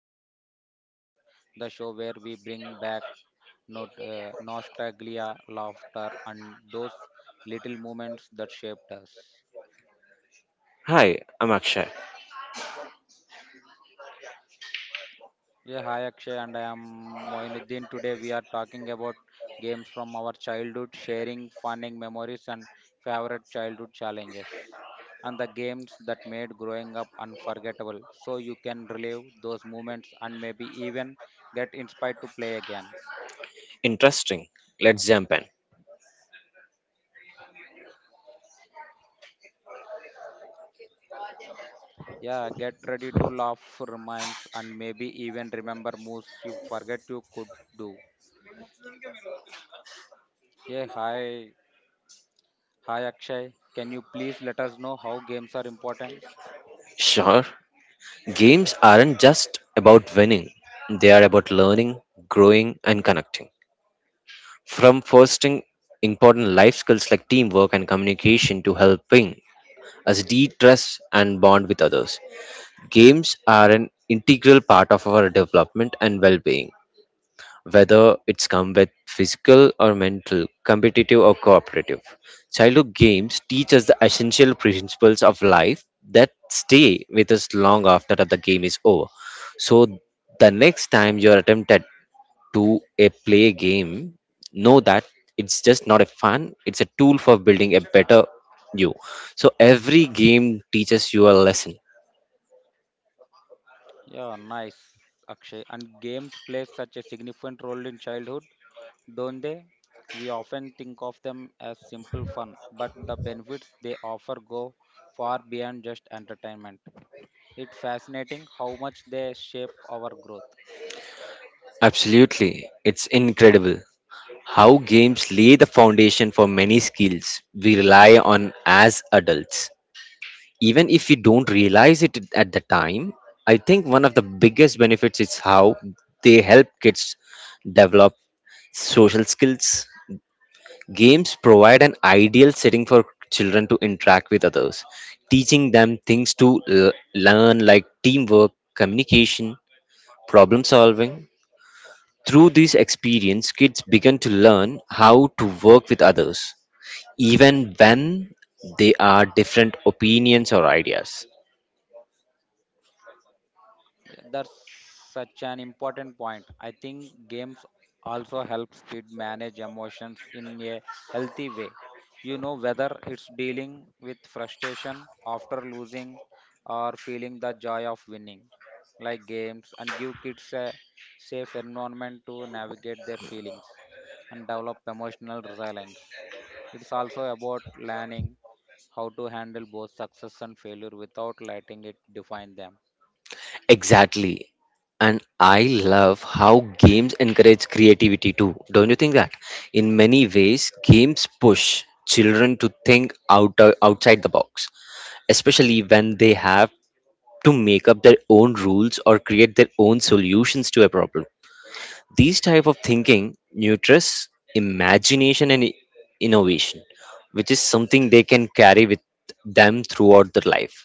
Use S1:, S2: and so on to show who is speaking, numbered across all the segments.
S1: from Our Childhood, the show where we bring back not, nostalgia, laughter, and those little moments that shaped us.
S2: Hi, I'm Akshay.
S1: Yeah, hi, Akshay, and I am Moinuddin. Today we are talking about games from our childhood, sharing funning memories and favorite childhood challenges, and the games that made growing up unforgettable so you can relive those moments and maybe even get inspired to play again.
S2: Interesting. Let's jump in.
S1: Yeah, get ready to laugh, reminds, and maybe even remember moves you forget you could do. Yeah, hi Akshay. Can you please let us know how games are important?
S2: Sure, games aren't just about winning, they are about learning, growing, and connecting. From fostering important life skills like teamwork and communication to helping us de stress and bond with others, games are an integral part of our development and well being. Whether it's come with physical or mental, competitive or cooperative. Childhood games teach us the essential principles of life that stay with us long after the game is over. So, the next time you're tempted to a play game, know that it's just not a fun, it's a tool for building a better you. So, every game teaches you a lesson.
S1: Yeah, nice, Akshay. And games play such a significant role in childhood, don't they? We often think of them as simple fun, but the benefits they offer go far beyond just entertainment. It's fascinating how much they shape our growth.
S2: Absolutely, it's incredible. How games lay the foundation for many skills we rely on as adults. Even if we don't realize it at the time, I think one of the biggest benefits is how they help kids develop social skills. Games provide an ideal setting for children to interact with others, teaching them things to learn like teamwork, communication, problem solving. Through this experience, kids begin to learn how to work with others even when they are different opinions or ideas.
S1: Yeah, that's such an important point. I think games also helps kids manage emotions in a healthy way. You know, whether it's dealing with frustration after losing or feeling the joy of winning, like games, and give kids a safe environment to navigate their feelings and develop emotional resilience. It's also about learning how to handle both success and failure without letting it define them.
S2: Exactly. And I love how games encourage creativity too. Don't you think that? In many ways, games push children to think out outside the box, especially when they have to make up their own rules or create their own solutions to a problem. These type of thinking nurtures imagination and innovation, which is something they can carry with them throughout their life.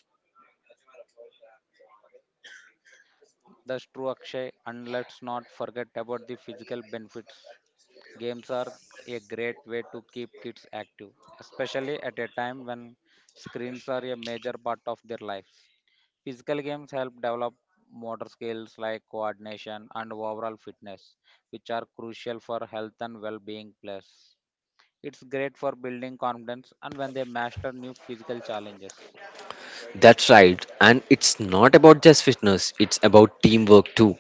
S1: That's true, Akshay. And let's not forget about the physical benefits. Games are a great way to keep kids active, especially at a time when screens are a major part of their lives. Physical games help develop motor skills like coordination and overall fitness, which are crucial for health and well being. Plus, it's great for building confidence and when they master new physical challenges.
S2: That's right, and it's not about just fitness, it's about teamwork too.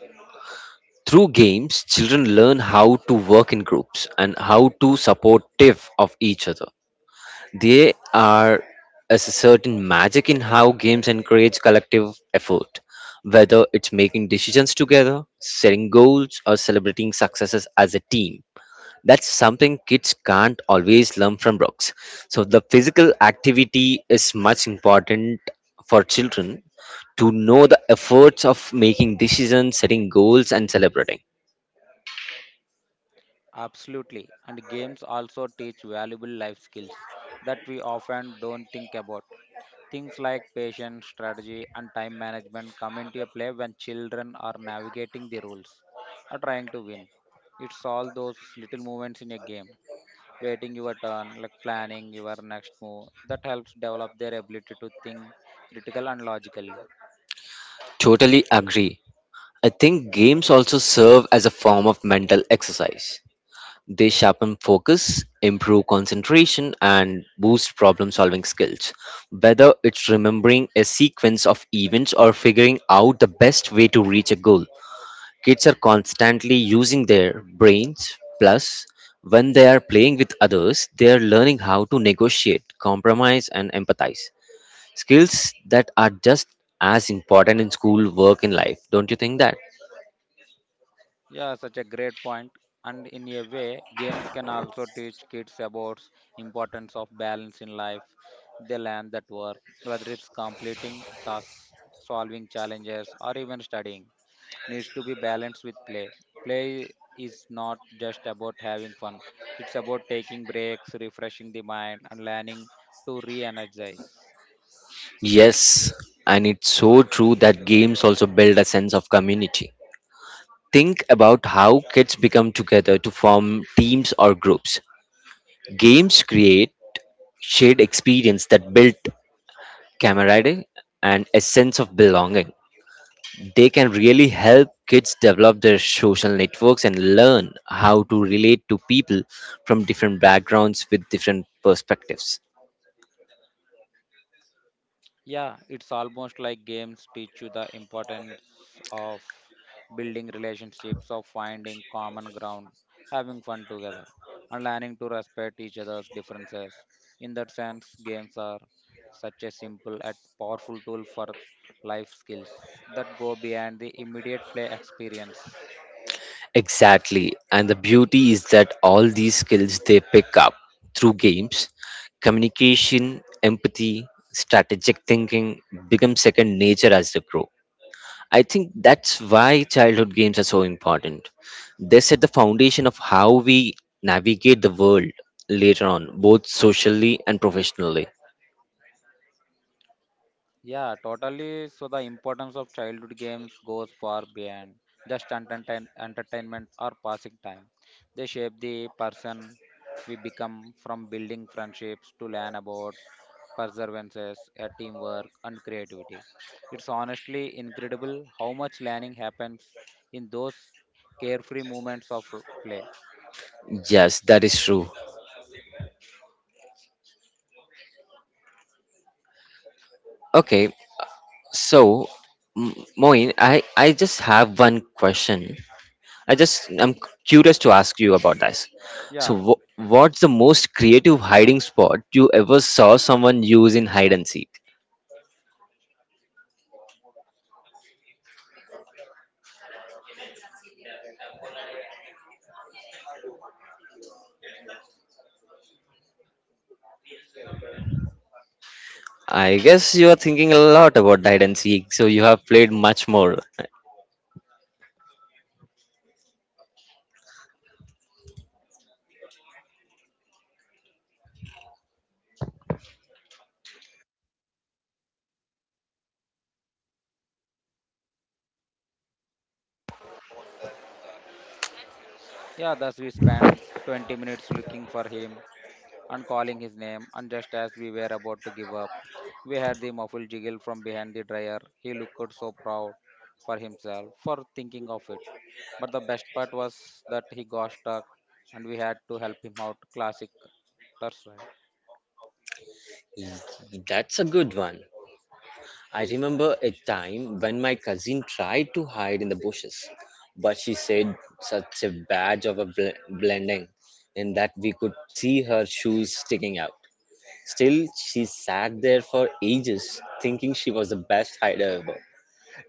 S2: Through games, children learn how to work in groups and how to supportive of each other. They are is a certain magic in how games encourage collective effort, whether it's making decisions together, setting goals, or celebrating successes as a team. That's something kids can't always learn from books. So the physical activity is much important for children to know the efforts of making decisions, setting goals, and celebrating.
S1: Absolutely. And games also teach valuable life skills that we often don't think about. Things like patience, strategy, and time management come into play when children are navigating the rules or trying to win. It's all those little moments in a game, waiting your turn, like planning your next move, that helps develop their ability to think critical and logically.
S2: Totally agree. I think games also serve as a form of mental exercise. They sharpen focus, improve concentration, and boost problem solving skills. Whether it's remembering a sequence of events or figuring out the best way to reach a goal, kids are constantly using their brains. Plus, when they are playing with others, they are learning how to negotiate, compromise, and empathize. Skills that are just as important in school, work, and life. Don't you think that?
S1: Yeah, such a great point. And in a way, games can also teach kids about importance of balance in life. They learn that work, whether it's completing tasks, solving challenges, or even studying, needs to be balanced with play. Play is not just about having fun; it's about taking breaks, refreshing the mind, and learning to re-energize.
S2: Yes, and it's so true that games also build a sense of community. Think about how kids become together to form teams or groups. Games create shared experience that build camaraderie and a sense of belonging. They can really help kids develop their social networks and learn how to relate to people from different backgrounds with different perspectives.
S1: Yeah, it's almost like games teach you the importance of building relationships, of finding common ground, having fun together, and learning to respect each other's differences. In that sense, games are such a simple yet powerful tool for life skills that go beyond the immediate play experience.
S2: Exactly. And the beauty is that all these skills they pick up through games, communication, empathy, strategic thinking, become second nature as they grow. I think that's why childhood games are so important. They set the foundation of how we navigate the world later on, both socially and professionally.
S1: Yeah, totally. So the importance of childhood games goes far beyond just entertainment or passing time. They shape the person we become from building friendships to learn about perseverances, teamwork, and creativity. It's honestly incredible how much learning happens in those carefree moments of play.
S2: Yes, that is true. Okay, so Moin, I just have one question. I just I'm curious to ask you about this. So,
S1: Yeah,
S2: what's the most creative hiding spot you ever saw someone use in hide and seek? I guess you are thinking a lot about hide and seek, so you have played much more.
S1: yeah, thus we spent 20 minutes looking for him and calling his name, and just as we were about to give up, we heard the muffled jiggle from behind the dryer. He looked so proud for himself for thinking of it. But the best part was that he got stuck and we had to help him out. Classic. That's right.
S2: Mm, that's a good one. I remember a time when my cousin tried to hide in the bushes, but she said such a badge of a blending in that we could see her shoes sticking out. Still, she sat there for ages thinking she was the best hider ever.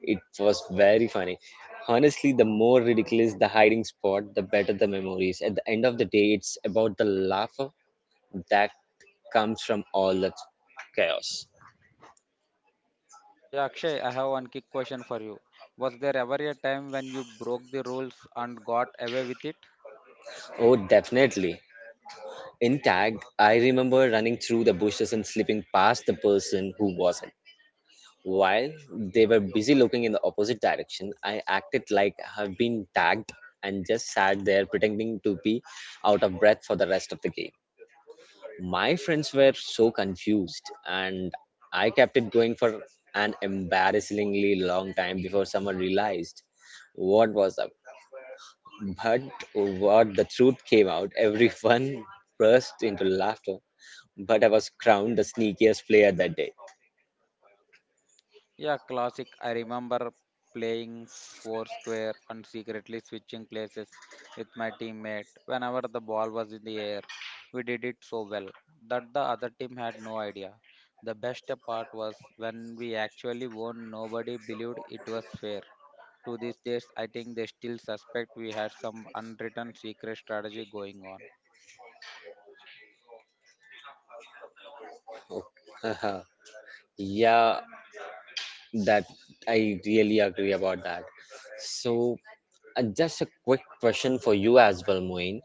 S2: It was very funny. Honestly, the more ridiculous the hiding spot, the better the memories. At the end of the day, it's about the laughter that comes from all that chaos.
S1: Yeah, Akshay, I have one quick question for you. Was there ever a time when you broke the rules and got away with it?
S2: Oh, definitely. In tag, I remember running through the bushes and slipping past the person who wasn't. While they were busy looking in the opposite direction, I acted like I have been tagged and just sat there pretending to be out of breath for the rest of the game. My friends were so confused, and I kept it going for an embarrassingly long time before someone realized what was up. But what the truth came out, everyone burst into laughter. But I was crowned the sneakiest player that day.
S1: Yeah, classic. I remember playing Foursquare and secretly switching places with my teammate whenever the ball was in the air. We did it so well that the other team had no idea. The best part was when we actually won, nobody believed it was fair. To these days, I think they still suspect we had some unwritten secret strategy going on.
S2: Yeah, that I really agree about that. So, just a quick question for you as well, Moin.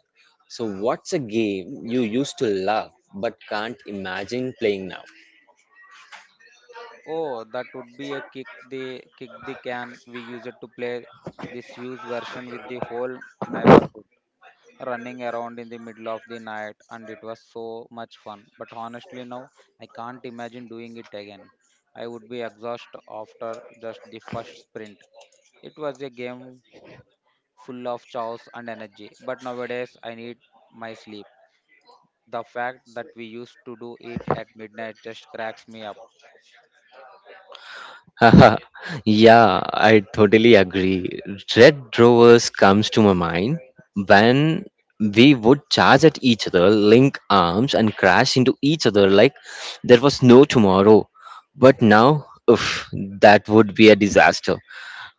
S2: So, what's a game you used to love but can't imagine playing now?
S1: Oh, that would be a kick the can. We used to play this huge version with the whole neighborhood, running around in the middle of the night and it was so much fun. But honestly, now I can't imagine doing it again. I would be exhausted after just the first sprint. It was a game full of chaos and energy, but nowadays I need my sleep. The fact that we used to do it at midnight just cracks me up.
S2: Haha, yeah, I totally agree. Red Rovers comes to my mind when we would charge at each other, link arms, and crash into each other like there was no tomorrow. But now, oof, that would be a disaster.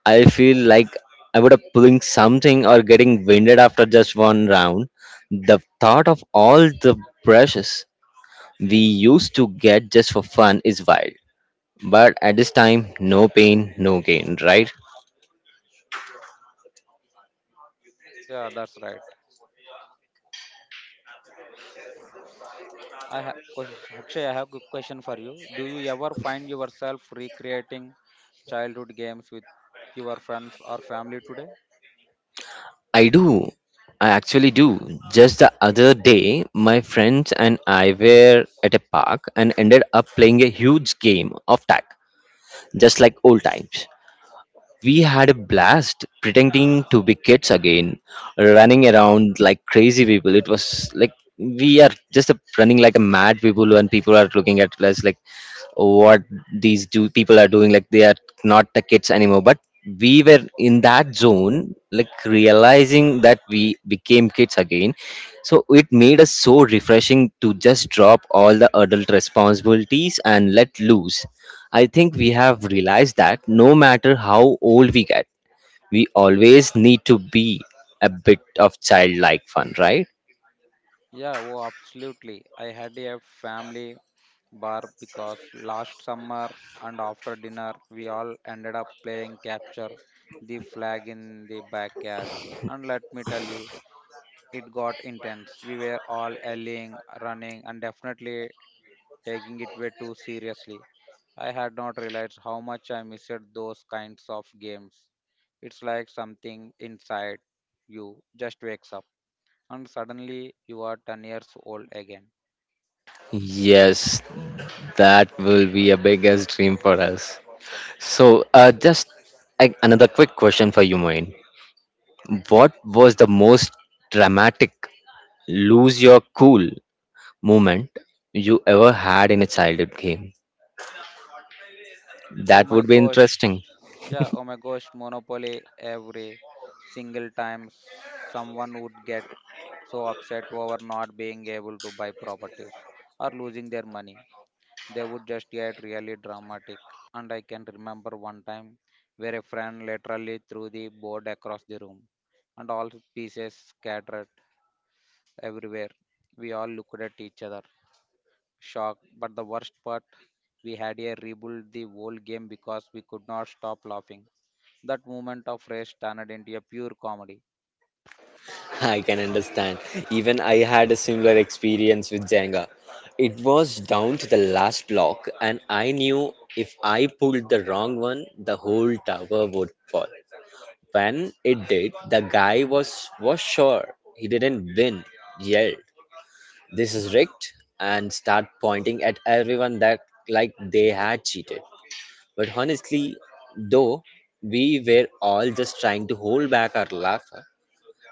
S2: I feel like I would have pulling something or getting winded after just one round. The thought of all the brushes we used to get just for fun is wild. But at this time, no pain, no gain, right?
S1: Yeah, that's right. I have Akshay, I have a question for you. Do you ever find yourself recreating childhood games with your friends or family today?
S2: I do. I actually do. Just the other day, my friends and I were at a park and ended up playing a huge game of tag, just like old times. We had a blast pretending to be kids again, running around like crazy people. It was like we are just running like a mad people, and people are looking at us like what these do people are doing. Like they are not the kids anymore, but we were in that zone, like realizing that we became kids again. So it made us so refreshing to just drop all the adult responsibilities and let loose. I think we have realized that no matter how old we get, we always need to be a bit of childlike fun, right?
S1: Yeah, oh, absolutely. I had a family bar because last summer and after dinner, we all ended up playing capture the flag in the backyard. And let me tell you, it got intense. We were all yelling, running, and definitely taking it way too seriously. I had not realized how much I missed those kinds of games. It's like something inside you just wakes up, and suddenly you are 10 years old again.
S2: Yes, that will be a biggest dream for us. So, just like another quick question for you, Moin. What was the most dramatic lose your cool moment you ever had in a childhood game?
S1: Oh
S2: That
S1: my
S2: would be
S1: gosh.
S2: interesting.
S1: Yeah, oh my gosh, Monopoly every single time someone would get so upset over not being able to buy properties or losing their money. They would just get really dramatic. And I can remember one time where a friend literally threw the board across the room and all pieces scattered everywhere. We all looked at each other, shocked. But the worst part, we had a rebuild the whole game because we could not stop laughing that moment of rest turned into a pure comedy.
S2: I can understand. Even I had a similar experience with Jenga. It was down to the last block, and I knew if I pulled the wrong one, the whole tower would fall. When it did, the guy was sure he didn't win. Yelled, "This is rigged!" and start pointing at everyone that like they had cheated. But honestly, though, we were all just trying to hold back our laughter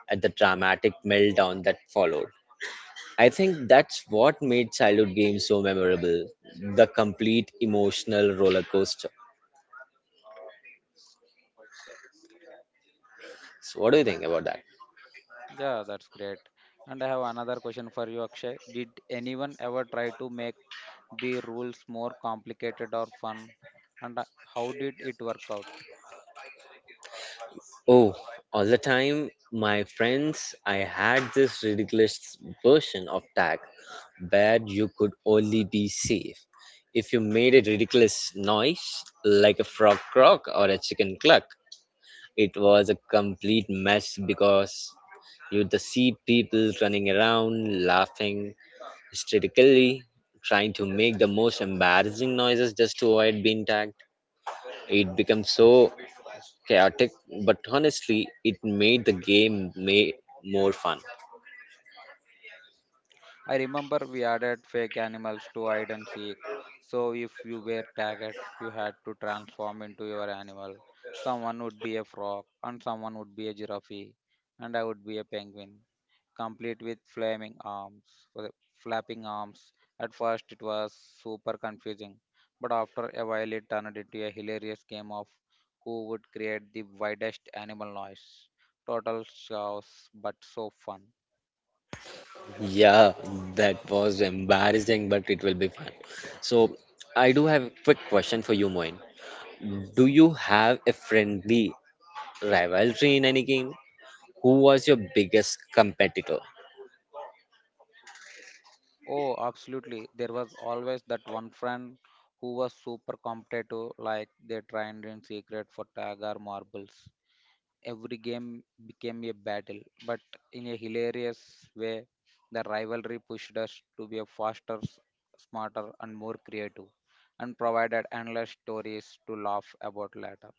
S2: at the dramatic meltdown that followed. I think that's what made childhood games so memorable, the complete emotional roller coaster. So, what do you think about that?
S1: Yeah, that's great. And I have another question for you, Akshay. Did anyone ever try to make the rules more complicated or fun? And how did it work out?
S2: Oh, all the time, my friends, I had this ridiculous version of tag where you could only be safe if you made a ridiculous noise like a frog croak or a chicken cluck. It was a complete mess because you'd see people running around laughing hysterically trying to make the most embarrassing noises just to avoid being tagged. It becomes so chaotic, but honestly, it made the game may more fun.
S1: I remember we added fake animals to hide and seek. So if you were tagged, you had to transform into your animal. Someone would be a frog, and someone would be a giraffe, and I would be a penguin, complete with flaming arms, flapping arms. At first, it was super confusing, but after a while, it turned into a hilarious game of who would create the widest animal noise. Total chaos, but so fun.
S2: Yeah, that was embarrassing, but it will be fun. So, I do have a quick question for you, Moin. Do you have a friendly rivalry in any game? Who was your biggest competitor?
S1: Oh, absolutely. There was always that one friend who was super competitive, like they trained in secret for tag or marbles. Every game became a battle, but in a hilarious way, the rivalry pushed us to be a faster, smarter, and more creative, and provided endless stories to laugh about later.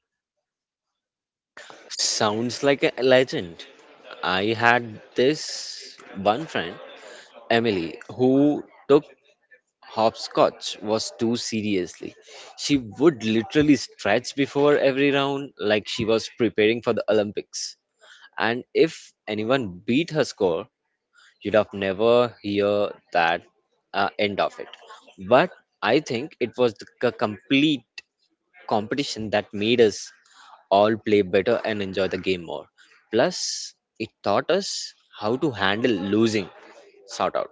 S2: Sounds like a legend. I had this one friend Emily, who took hopscotch was too seriously. She would literally stretch before every round like she was preparing for the Olympics. And if anyone beat her score, you'd have never hear that end of it. But I think it was the complete competition that made us all play better and enjoy the game more. Plus, it taught us how to handle losing, sort out.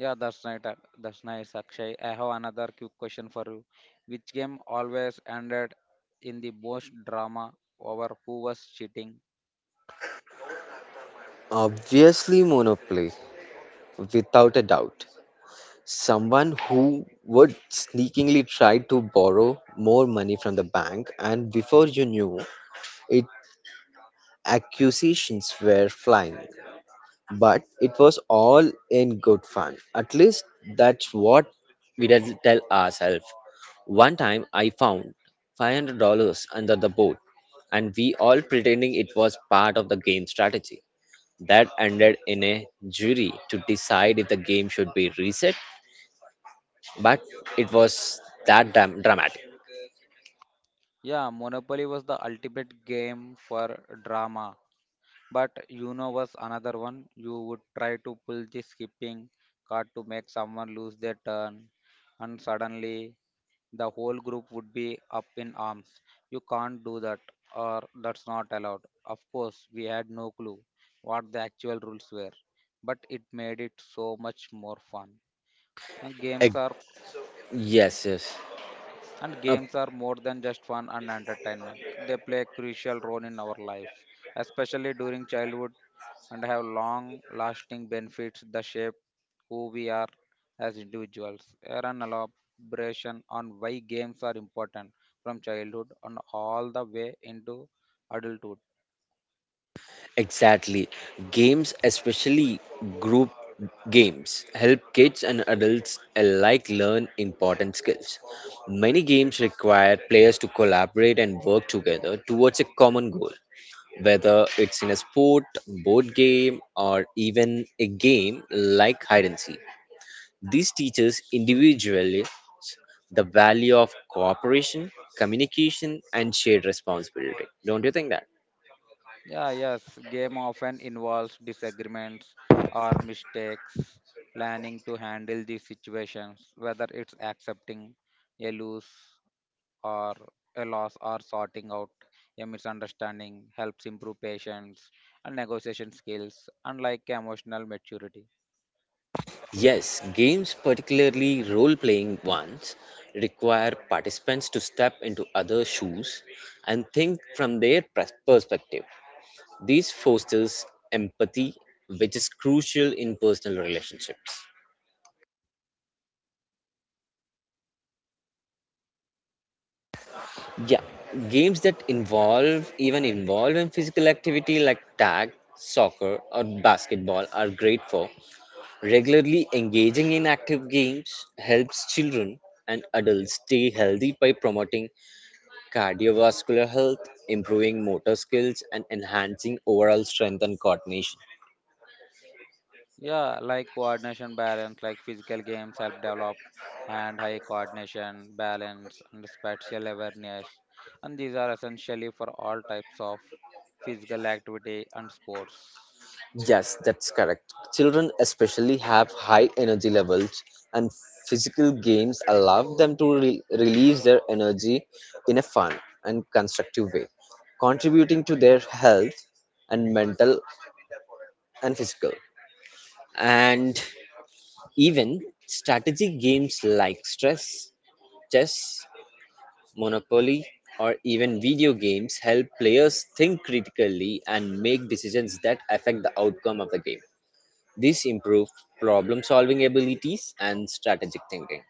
S1: Yeah, that's right. That's nice, Akshay. I have another quick question for you. Which game always ended in the most drama over who was cheating?
S2: Obviously, Monopoly, without a doubt. Someone who would sneakingly try to borrow more money from the bank, and before you knew it, accusations were flying. But it was all in good fun. At least that's what we did tell ourselves. One time I found $500 under the boat, and we all pretending it was part of the game strategy. That ended in a jury to decide if the game should be reset, but it was that dramatic.
S1: Yeah, Monopoly was the ultimate game for drama. But you know was another one. You would try to pull the skipping card to make someone lose their turn, and suddenly the whole group would be up in arms. You can't do that, or that's not allowed. Of course, we had no clue what the actual rules were, but it made it so much more fun. And
S2: Ex-
S1: games are
S2: yes, yes.
S1: and
S2: Uh,
S1: games are more than just fun and entertainment. They play a crucial role in our lives, especially during childhood, and have long lasting benefits that shape who we are as individuals. Here an elaboration on why games are important from childhood and all the way into adulthood.
S2: exactly. Games, especially group games, help kids and adults alike learn important skills. Many games require players to collaborate and work together towards a common goal, whether it's in a sport, board game, or even a game like hide and seek. This teaches individually the value of cooperation, communication, and shared responsibility. Don't you think that?
S1: Yeah, yes, game often involves disagreements or mistakes, planning to handle these situations, whether it's accepting a lose or a loss or sorting out a misunderstanding helps improve patience and negotiation skills and like emotional maturity.
S2: Yes, games, particularly role playing ones, require participants to step into other shoes and think from their perspective. This fosters empathy, which is crucial in personal relationships. Yeah, games that involve even involve in physical activity like tag, soccer, or basketball are great for. Regularly engaging in active games helps children and adults stay healthy by promoting cardiovascular health, improving motor skills, and enhancing overall strength and coordination.
S1: Yeah, like coordination balance, like physical games help develop and high coordination balance and spatial awareness, and these are essentially for all types of physical activity and sports.
S2: Yes, that's correct. Children especially have high energy levels, and physical games allow them to release their energy in a fun and constructive way, contributing to their health and mental and physical. And even strategy games like stress, chess, monopoly, or even video games help players think critically and make decisions that affect the outcome of the game. This improved problem solving abilities and strategic thinking.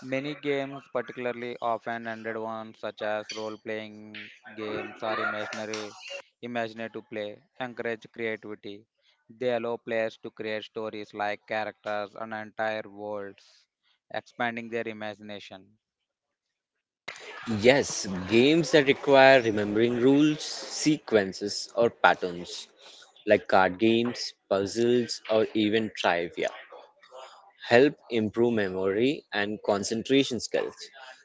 S1: Many games, particularly often ended ones such as role playing games or imaginary imaginative play, encourage creativity. They allow players to create stories like characters and entire worlds, expanding their imagination.
S2: Yes, games that require remembering rules, sequences, or patterns, like card games, puzzles, or even trivia, help improve memory and concentration skills.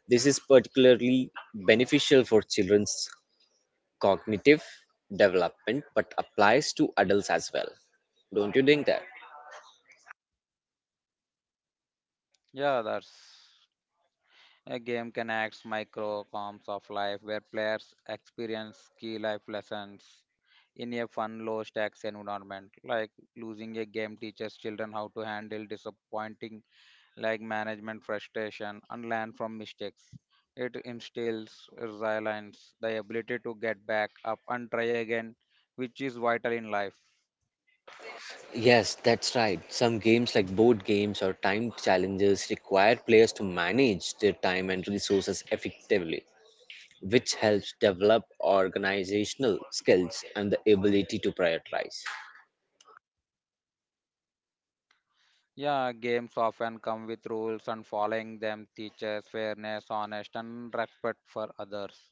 S2: This is particularly beneficial for children's cognitive development but applies to adults as well. Don't you think that?
S1: Yeah, that's a game can act microcosms of life where players experience key life lessons in a fun, low stakes environment. Like losing a game teaches children how to handle disappointing like management frustration and learn from mistakes. It instills resilience, the ability to get back up and try again, which is vital in life.
S2: Yes, that's right. Some games like board games or timed challenges require players to manage their time and resources effectively, which helps develop organizational skills and the ability to prioritize.
S1: Yeah, games often come with rules, and following them teaches fairness, honest, and respect for others.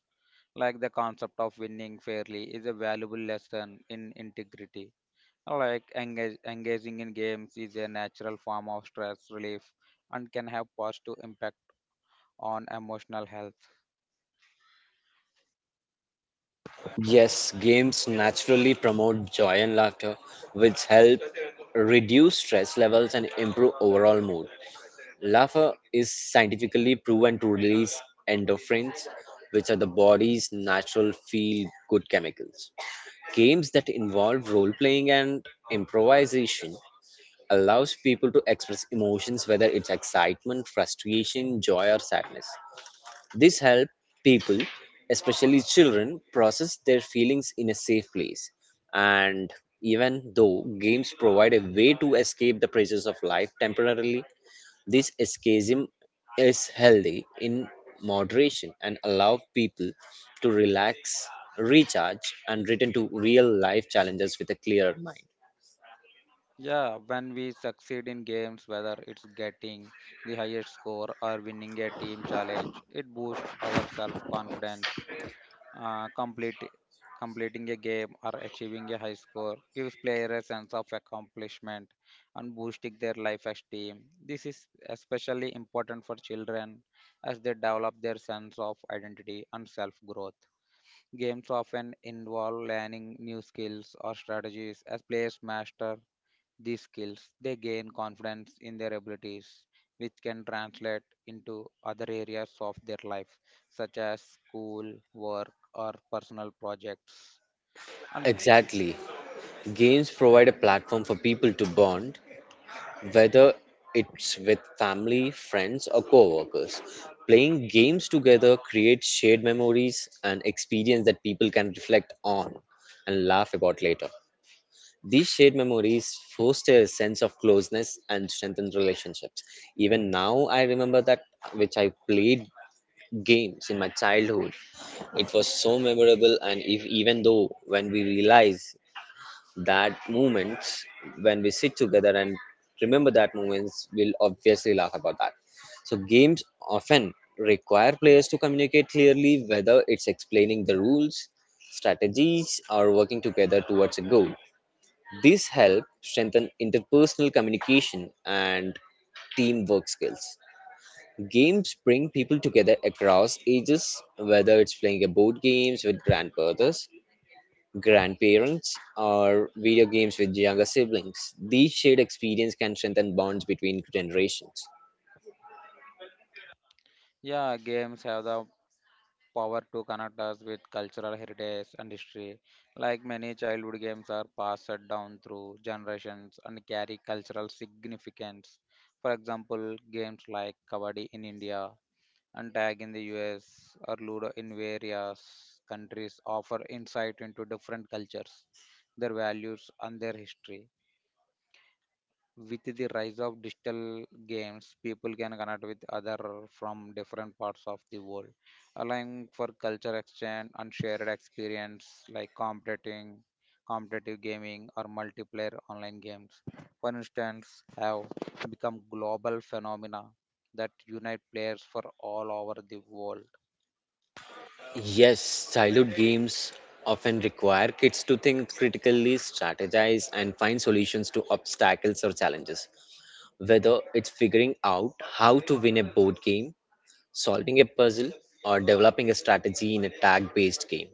S1: Like the concept of winning fairly is a valuable lesson in integrity. Like engaging in games is a natural form of stress relief and can have positive impact on emotional health.
S2: Yes, games naturally promote joy and laughter, which help reduce stress levels and improve overall mood. Laughter is scientifically proven to release endorphins, which are the body's natural feel good chemicals. Games that involve role playing and improvisation allows people to express emotions whether it's excitement, frustration, joy or sadness. This helps people, especially children, process their feelings in a safe place. And even though games provide a way to escape the pressures of life temporarily, this escapism is healthy in moderation and allow people to relax, recharge, and return to real life challenges with a clearer mind.
S1: Yeah, when we succeed in games, whether it's getting the highest score or winning a team challenge, it boosts our self confidence. Uh, complete, completing a game or achieving a high score gives players a sense of accomplishment and boosting their life esteem. This is especially important for children as they develop their sense of identity and self growth. Games often involve learning new skills or strategies as players master these skills, they gain confidence in their abilities, which can translate into other areas of their life, such as school, work, or personal projects. And
S2: Exactly. Games provide a platform for people to bond, whether it's with family, friends, or coworkers. Playing games together creates shared memories and experience that people can reflect on and laugh about later. These shared memories foster a sense of closeness and strengthen relationships. Even now, I remember that which I played games in my childhood. It was so memorable, and if, even though when we realize that moments, when we sit together and remember that moments, we'll obviously laugh about that. So, games often require players to communicate clearly, whether it's explaining the rules, strategies, or working together towards a goal these help strengthen interpersonal communication and teamwork skills. Games bring people together across ages, whether it's playing a board games with grandfathers, grandparents, or video games with younger siblings. These shared experience can strengthen bonds between generations.
S1: yeah, games have the power to connect us with cultural heritage and history. Like many childhood games are passed down through generations and carry cultural significance. For example, games like Kabaddi in India and tag in the US or Ludo in various countries offer insight into different cultures, their values, and their history. With the rise of digital games, people can connect with other from different parts of the world, allowing for culture exchange and shared experience like competitive gaming or multiplayer online games. For instance, have become global phenomena that unite players for all over the world.
S2: Yes, childhood games often require kids to think critically, strategize, and find solutions to obstacles or challenges. Whether it's figuring out how to win a board game, solving a puzzle, or developing a strategy in a tag based game.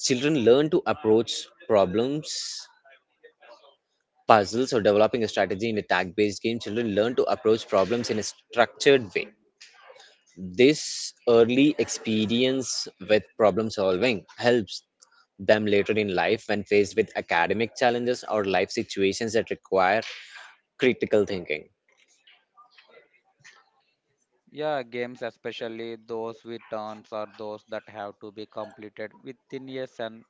S2: Children learn to approach problems, puzzles, or developing a strategy in a tag based game. Children learn to approach problems in a structured way. This early experience with problem solving helps them later in life when faced with academic challenges or life situations that require critical thinking.
S1: Yeah, games, especially those with turns or those that have to be completed within a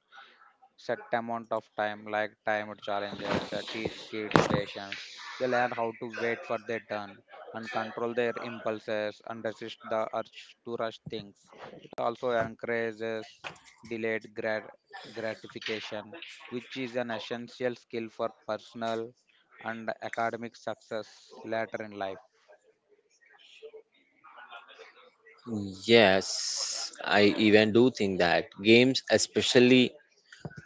S1: set amount of time, like timed challenges, teach kids patience. They learn how to wait for their turn and control their impulses and resist the urge to rush things. It also encourages delayed grat- gratification, which is an essential skill for personal and academic success later in life.
S2: Yes, I even do think that games, especially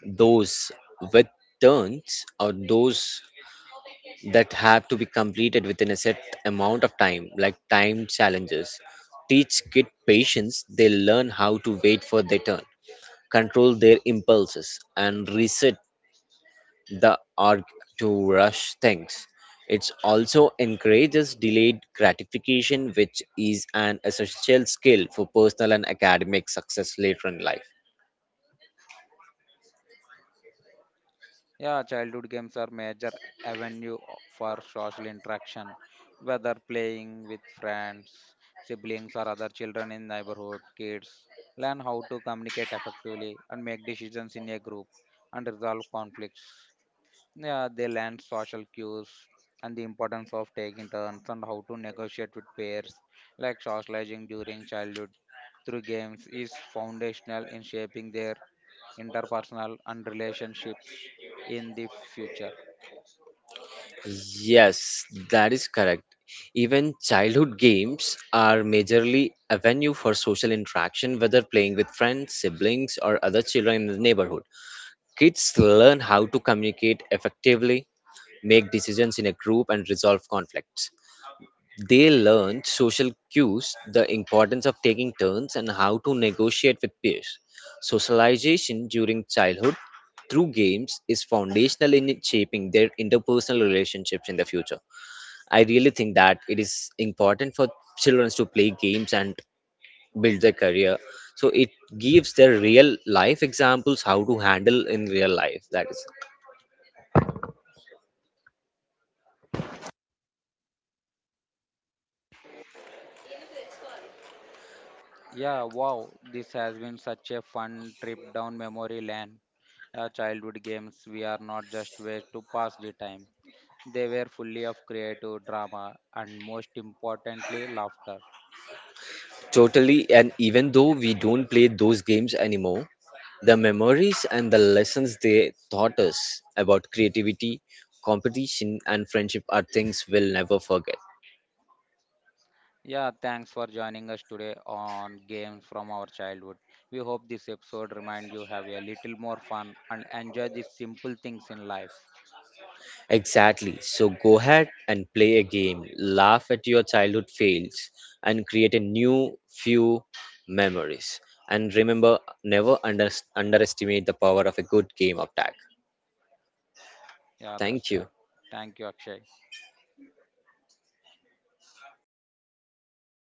S2: those with turns or those that have to be completed within a set amount of time, like time challenges, teach kid patience. They learn how to wait for their turn, control their impulses, and reset the urge to rush things. It also encourages delayed gratification, which is an essential skill for personal and academic success later in life.
S1: Yeah, childhood games are major for social interaction, whether playing with friends, siblings, or other children in neighborhood. Kids learn how to communicate effectively and make decisions in a group and resolve conflicts. Yeah, they learn social cues and the importance of taking turns and how to negotiate with peers, like socializing during childhood through games is foundational in shaping their interpersonal and relationships in the future.
S2: Yes, that is correct. Even childhood games are majorly a venue for social interaction, whether playing with friends, siblings, or other children in the neighborhood. Kids learn how to communicate effectively, make decisions in a group, and resolve conflicts. They learned social cues, the importance of taking turns, and how to negotiate with peers. Socialization during childhood through games is foundational in shaping their interpersonal relationships in the future. I really think that it is important for children to play games and build their career. So it gives their real life examples how to handle in real life. That is
S1: Yeah, wow, this has been such a fun trip down memory lane. Childhood games, we are not just ways to pass the time. They were fully of creative drama and most importantly, laughter.
S2: totally, and even though we don't play those games anymore, the memories and the lessons they taught us about creativity, competition, and friendship are things we'll never forget.
S1: Yeah, thanks for joining us today on Games from Our Childhood. We hope this episode remind you have a little more fun and enjoy the simple things in life.
S2: Exactly. So go ahead and play a game, laugh at your childhood fails, and create a new few memories. And remember, never underestimate the power of a good game of tag.
S1: Yeah, that's
S2: Thank
S1: right.
S2: you.
S1: Thank you, Akshay.